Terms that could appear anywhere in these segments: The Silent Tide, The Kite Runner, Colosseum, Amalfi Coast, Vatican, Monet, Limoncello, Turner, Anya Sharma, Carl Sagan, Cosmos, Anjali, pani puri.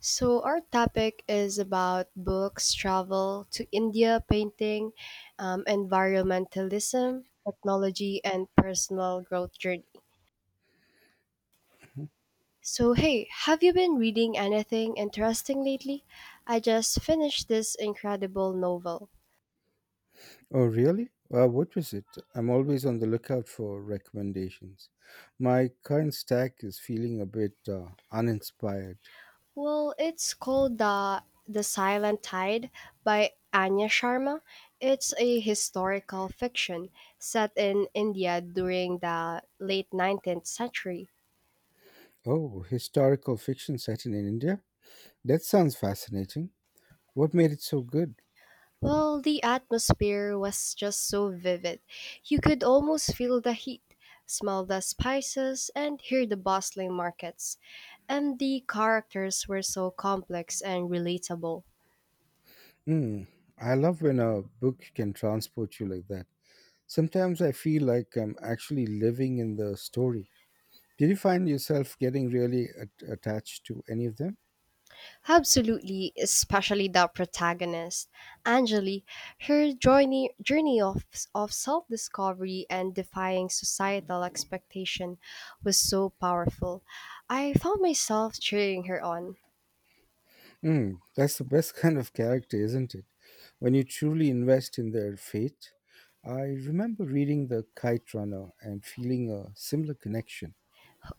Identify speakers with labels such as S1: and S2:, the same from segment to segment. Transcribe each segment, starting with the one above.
S1: So, our topic is about books, travel to India, painting, environmentalism, technology, and personal growth journey. So, hey, have you been reading anything interesting lately? I just finished this incredible novel.
S2: Oh, really? What was it? I'm always on the lookout for recommendations. My current stack is feeling a bit uninspired.
S1: Well, it's called the Silent Tide by Anya Sharma. It's a historical fiction set in India during the late 19th century.
S2: Oh, historical fiction set in India? That sounds fascinating. What made it so good?
S1: Well, the atmosphere was just so vivid. You could almost feel the heat, smell the spices, and hear the bustling markets. And the characters were so complex and relatable.
S2: Hmm, I love when a book can transport you like that. Sometimes I feel like I'm actually living in the story. Did you find yourself getting really attached to any of them?
S1: Absolutely, especially the protagonist, Anjali. Her journey of self discovery and defying societal expectation was so powerful. I found myself cheering her on.
S2: Mm, that's the best kind of character, isn't it? When you truly invest in their fate. I remember reading The Kite Runner and feeling a similar connection.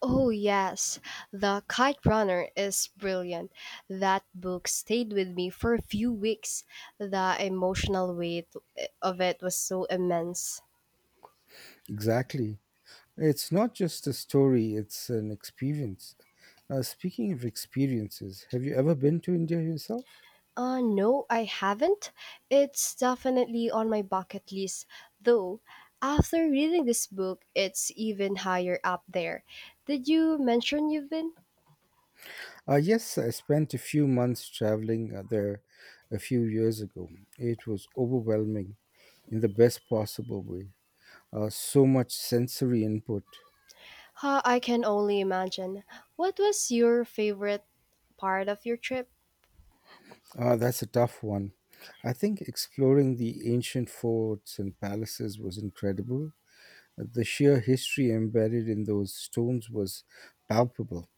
S1: Oh, yes. The Kite Runner is brilliant. That book stayed with me for a few weeks. The emotional weight of it was so immense.
S2: Exactly. It's not just a story, it's an experience. Speaking of experiences, have you ever been to India yourself?
S1: No, I haven't. It's definitely on my bucket list, though. After reading this book, it's even higher up there. Did you mention you've been?
S2: Yes, I spent a few months traveling there a few years ago. It was overwhelming in the best possible way. So much sensory input.
S1: Huh, I can only imagine. What was your favorite part of your trip?
S2: Ah, that's a tough one. I think exploring the ancient forts and palaces was incredible. The sheer history embedded in those stones was palpable.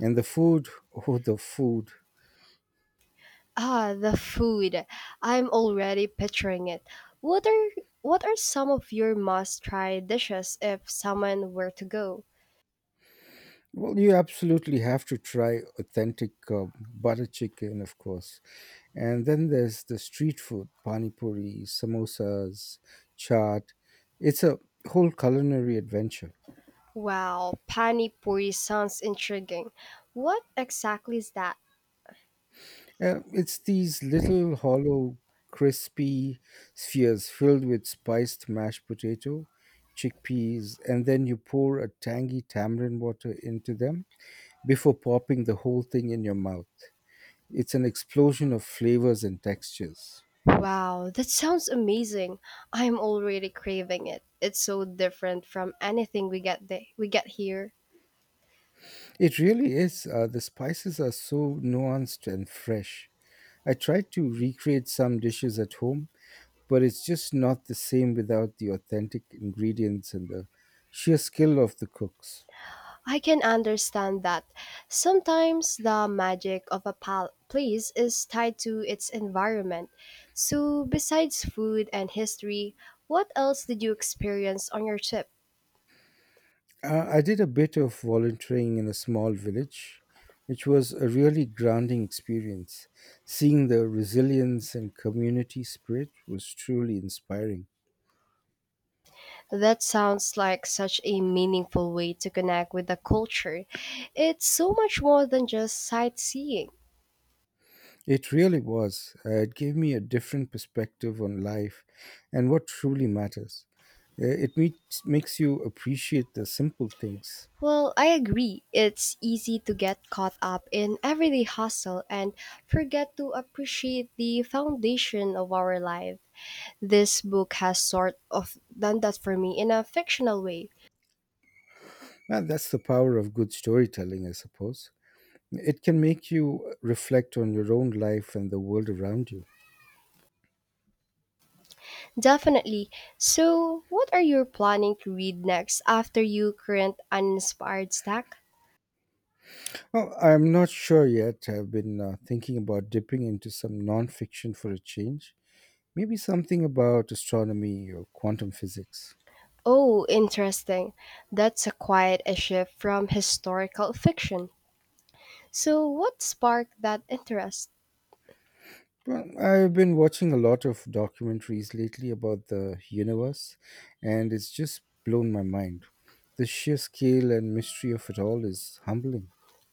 S2: And the food, oh, the food.
S1: Ah, the food. I'm already picturing it. What are what are some of your must-try dishes if someone were to go?
S2: Well, you absolutely have to try authentic butter chicken, of course. And then there's the street food, panipuri, samosas, chaat. It's a whole culinary adventure.
S1: Wow, pani puri sounds intriguing. What exactly is that?
S2: It's these little hollow, crispy spheres filled with spiced mashed potato, chickpeas, and then you pour a tangy tamarind water into them before popping the whole thing in your mouth. It's an explosion of flavors and textures.
S1: Wow, that sounds amazing. I'm already craving it. It's so different from anything we get here.
S2: It really is. The spices are so nuanced and fresh. I tried to recreate some dishes at home, but it's just not the same without the authentic ingredients and the sheer skill of the cooks.
S1: I can understand that. Sometimes the magic of a place is tied to its environment. So, besides food and history, what else did you experience on your trip?
S2: I did a bit of volunteering in a small village, which was a really grounding experience. Seeing the resilience and community spirit was truly inspiring.
S1: That sounds like such a meaningful way to connect with the culture. It's so much more than just sightseeing.
S2: It really was. It gave me a different perspective on life and what truly matters. It makes you appreciate the simple things.
S1: Well, I agree. It's easy to get caught up in everyday hustle and forget to appreciate the foundation of our lives. This book has sort of done that for me in a fictional way.
S2: Well, that's the power of good storytelling, I suppose. It can make you reflect on your own life and the world around you.
S1: Definitely. So, what are you planning to read next after your current uninspired stack?
S2: Well, I'm not sure yet. I've been thinking about dipping into some nonfiction for a change. Maybe something about astronomy or quantum physics.
S1: Oh, interesting. That's a quite a shift from historical fiction. So, what sparked that interest?
S2: Well, I've been watching a lot of documentaries lately about the universe, and it's just blown my mind. The sheer scale and mystery of it all is humbling.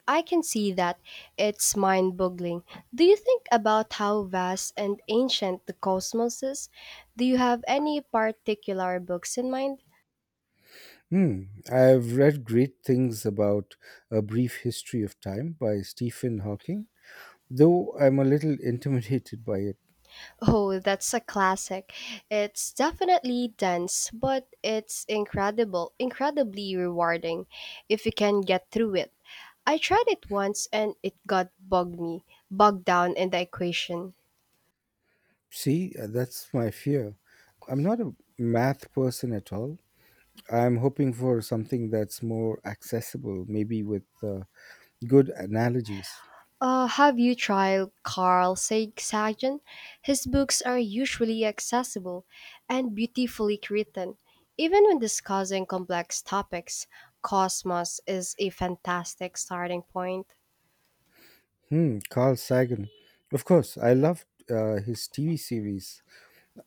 S1: I can see that it's mind boggling. Do you think about how vast and ancient the cosmos is? Do you have any particular books in mind?
S2: Hmm. I've read great things about A Brief History of Time by Stephen Hawking, though I'm a little intimidated by.
S1: Oh, that's a classic. It's definitely dense, but it's incredibly rewarding if you can get through it. I tried it once and it got bogged down in the equation.
S2: See, that's my fear. I'm not a math person at all. I'm hoping for something that's more accessible, maybe with good analogies.
S1: Have you tried Sagan? His books are usually accessible and beautifully written. Even when discussing complex topics, Cosmos is a fantastic starting point.
S2: Hmm, Carl Sagan. Of course, I loved his TV series.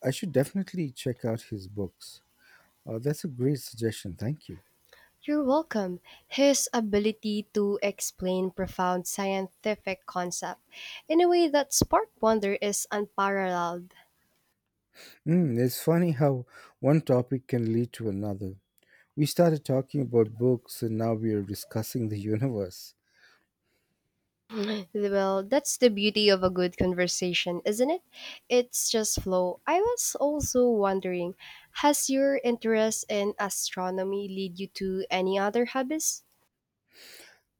S2: I should definitely check out his books. That's a great suggestion. Thank you.
S1: You're welcome. His ability to explain profound scientific concepts in a way that sparked wonder is unparalleled.
S2: Hmm, it's funny how one topic can lead to another. We started talking about books and now we are discussing the universe.
S1: Well, that's the beauty of a good conversation, isn't it? It's just flow. I was also wondering, has your interest in astronomy lead you to any other hobbies?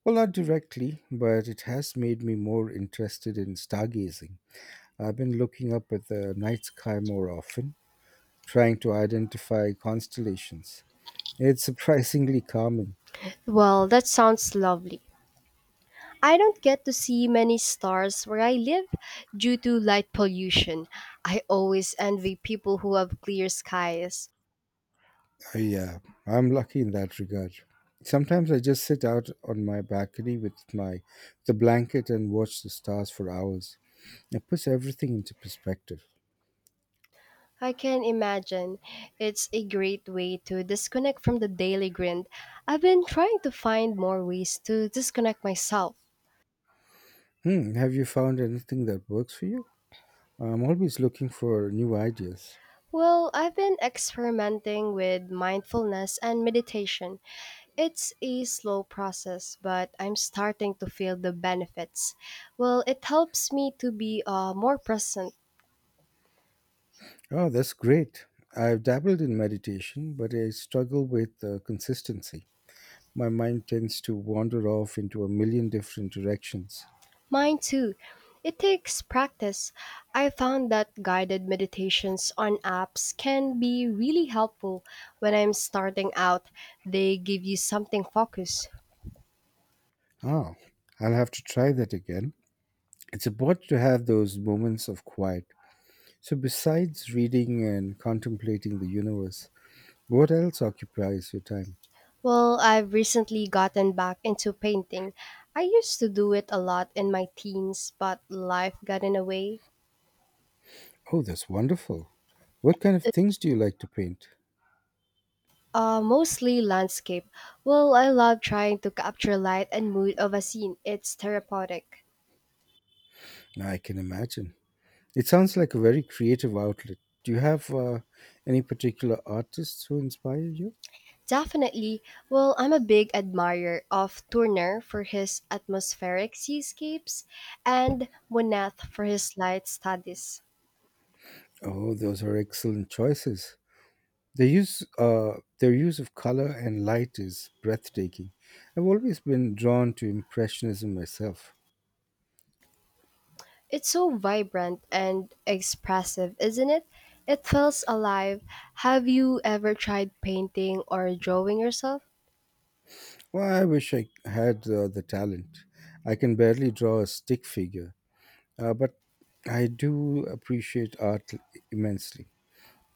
S2: Well, not directly, but it has made me more interested in stargazing. I've been looking up at the night sky more often, trying to identify constellations. It's surprisingly calming.
S1: Well, that sounds lovely. I don't get to see many stars where I live due to light pollution. I always envy people who have clear skies.
S2: I, uh, I'm lucky in that regard. Sometimes I just sit out on my balcony with my the blanket and watch the stars for hours. It puts everything into perspective.
S1: I can imagine. It's a great way to disconnect from the daily grind. I've been trying to find more ways to disconnect myself.
S2: Hmm, have you found anything that works for you? I'm always looking for new ideas.
S1: Well, I've been experimenting with mindfulness and meditation. It's a slow process, but I'm starting to feel the benefits. Well, it helps me to be more present.
S2: Oh, that's great. I've dabbled in meditation, but I struggle with consistency. My mind tends to wander off into a million different directions.
S1: Mine too. It takes practice. I found that guided meditations on apps can be really helpful when I'm starting out. They give you something focused.
S2: Ah, I'll have to try that again. It's important to have those moments of quiet. So, besides reading and contemplating the universe, what else occupies your time?
S1: Well, I've recently gotten back into painting. I used to do it a lot in my teens, but life got in the way.
S2: Oh, that's wonderful. What kind of things do you like to paint?
S1: Mostly landscape. Well, I love trying to capture light and mood of a scene. It's therapeutic.
S2: Now I can imagine. It sounds like a very creative outlet. Do you have any particular artists who inspire you?
S1: Definitely. Well, I'm a big admirer of Turner for his atmospheric seascapes and Monet for his light studies.
S2: Oh, those are excellent choices. They use their use of color and light is breathtaking. I've always been drawn to impressionism myself.
S1: It's so vibrant and expressive, isn't it? It feels alive. Have you ever tried painting or drawing yourself?
S2: Well, I wish I had the talent. I can barely draw a stick figure, but I do appreciate art immensely.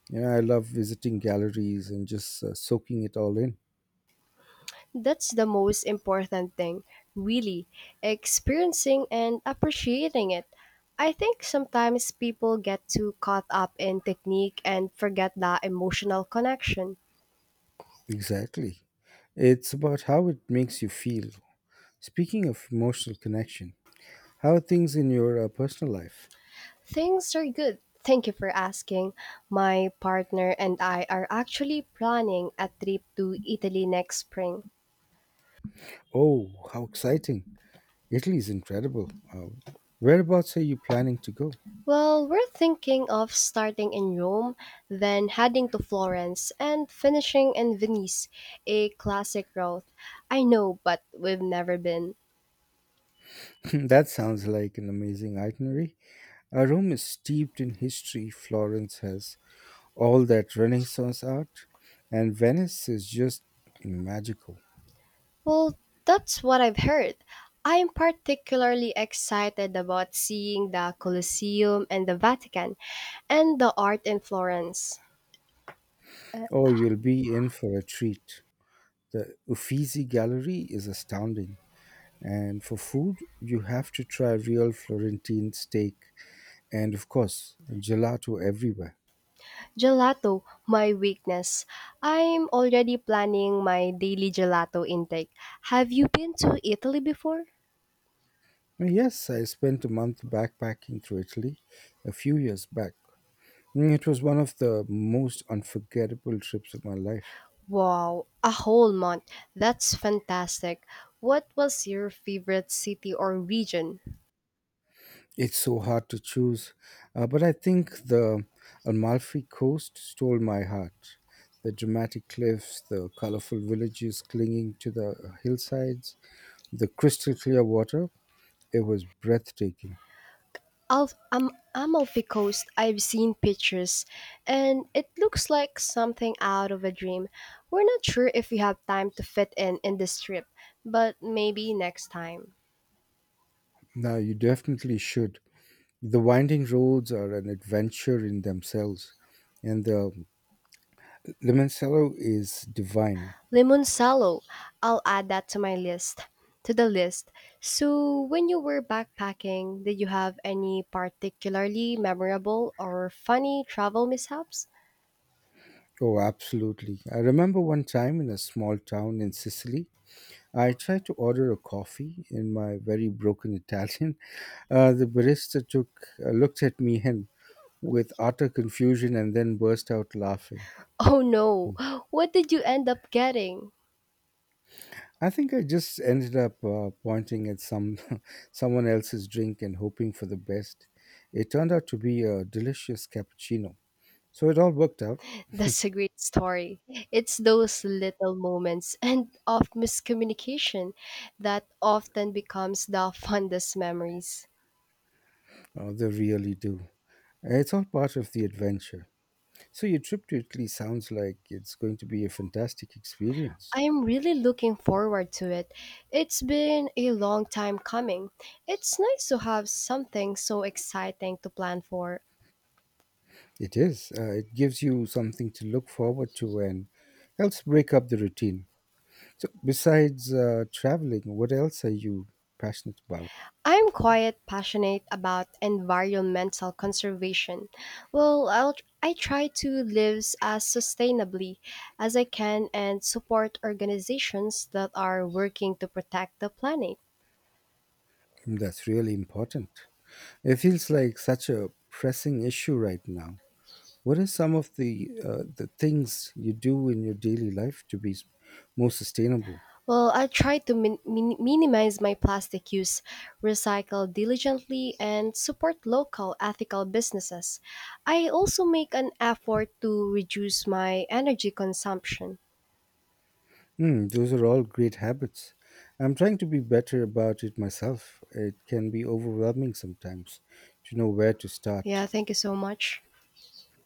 S2: You know, I love visiting galleries and just soaking it all in.
S1: That's the most important thing, really, experiencing and appreciating it. I think sometimes people get too caught up in technique and forget that emotional connection.
S2: Exactly. It's about how it makes you feel. Speaking of emotional connection, how are things in your personal life?
S1: Things are good. Thank you for asking. My partner and I are actually planning a trip to Italy next spring.
S2: Oh, how exciting! Italy is incredible. Whereabouts are you planning to go?
S1: Well, we're thinking of starting in Rome, then heading to Florence, and finishing in Venice, a classic route. I know, but we've never been.
S2: That sounds like an amazing itinerary. Rome is steeped in history, Florence has all that Renaissance art, and Venice is just magical.
S1: Well, that's what I've heard. I'm particularly excited about seeing the Colosseum and the Vatican, and the art in Florence.
S2: Oh, you'll be in for a treat. The Uffizi Gallery is astounding. And for food, you have to try real Florentine steak and, of course, gelato everywhere.
S1: Gelato, my weakness. I'm already planning my daily gelato intake. Have you been to Italy before?
S2: And yes, I spent a month backpacking through Italy a few years back. Mm, it was one of the most unforgettable trips of my life.
S1: Wow, a whole month. That's fantastic. What was your favorite city or region?
S2: It's so hard to choose, but I think the Amalfi Coast stole my heart. The dramatic cliffs, the colorful villages clinging to the hillsides, the crystal clear water, it was breathtaking.
S1: Amalfi Coast, I've seen pictures, and it looks like something out of a dream. We're not sure if we have time to fit in this trip, but maybe next time.
S2: No, you definitely should. The winding roads are an adventure in themselves, and the limoncello is divine.
S1: Limoncello, I'll add that to my list. To the list. So, when you were backpacking, did you have any particularly memorable or funny travel mishaps?
S2: Oh, absolutely. I remember one time in a small town in Sicily, I tried to order a coffee in my very broken Italian. The barista took looked at me and with utter confusion and then burst out laughing.
S1: Oh
S2: Hmm.
S1: no! What did you end up getting?
S2: I think I just ended up pointing at some someone else's drink and hoping for the best. It turned out to be a delicious cappuccino. So it all worked out.
S1: That's a great story. It's those little moments and of miscommunication that often becomes the fondest memories.
S2: Oh, they really do. It's all part of the adventure. So your trip to Italy sounds like it's going to be a fantastic experience.
S1: I am really looking forward to it. It's been a long time coming. It's nice to have something so exciting to plan for.
S2: It is. It gives you something to look forward to and helps break up the routine. So besides traveling, what else are you passionate about?
S1: I am quite passionate about environmental conservation. Well, I try to live as sustainably as I can and support organizations that are working to protect the planet.
S2: That's really important. It feels like such a pressing issue right now. What are some of the things you do in your daily life to more sustainable?
S1: Well, I try to minimize my plastic use, recycle diligently, and support local ethical businesses. I also make an effort to reduce my energy consumption.
S2: Hmm, those are all great habits. I'm trying to be better about it myself. It can be overwhelming sometimes to know where to
S1: Yeah,
S2: start.
S1: thank you so much.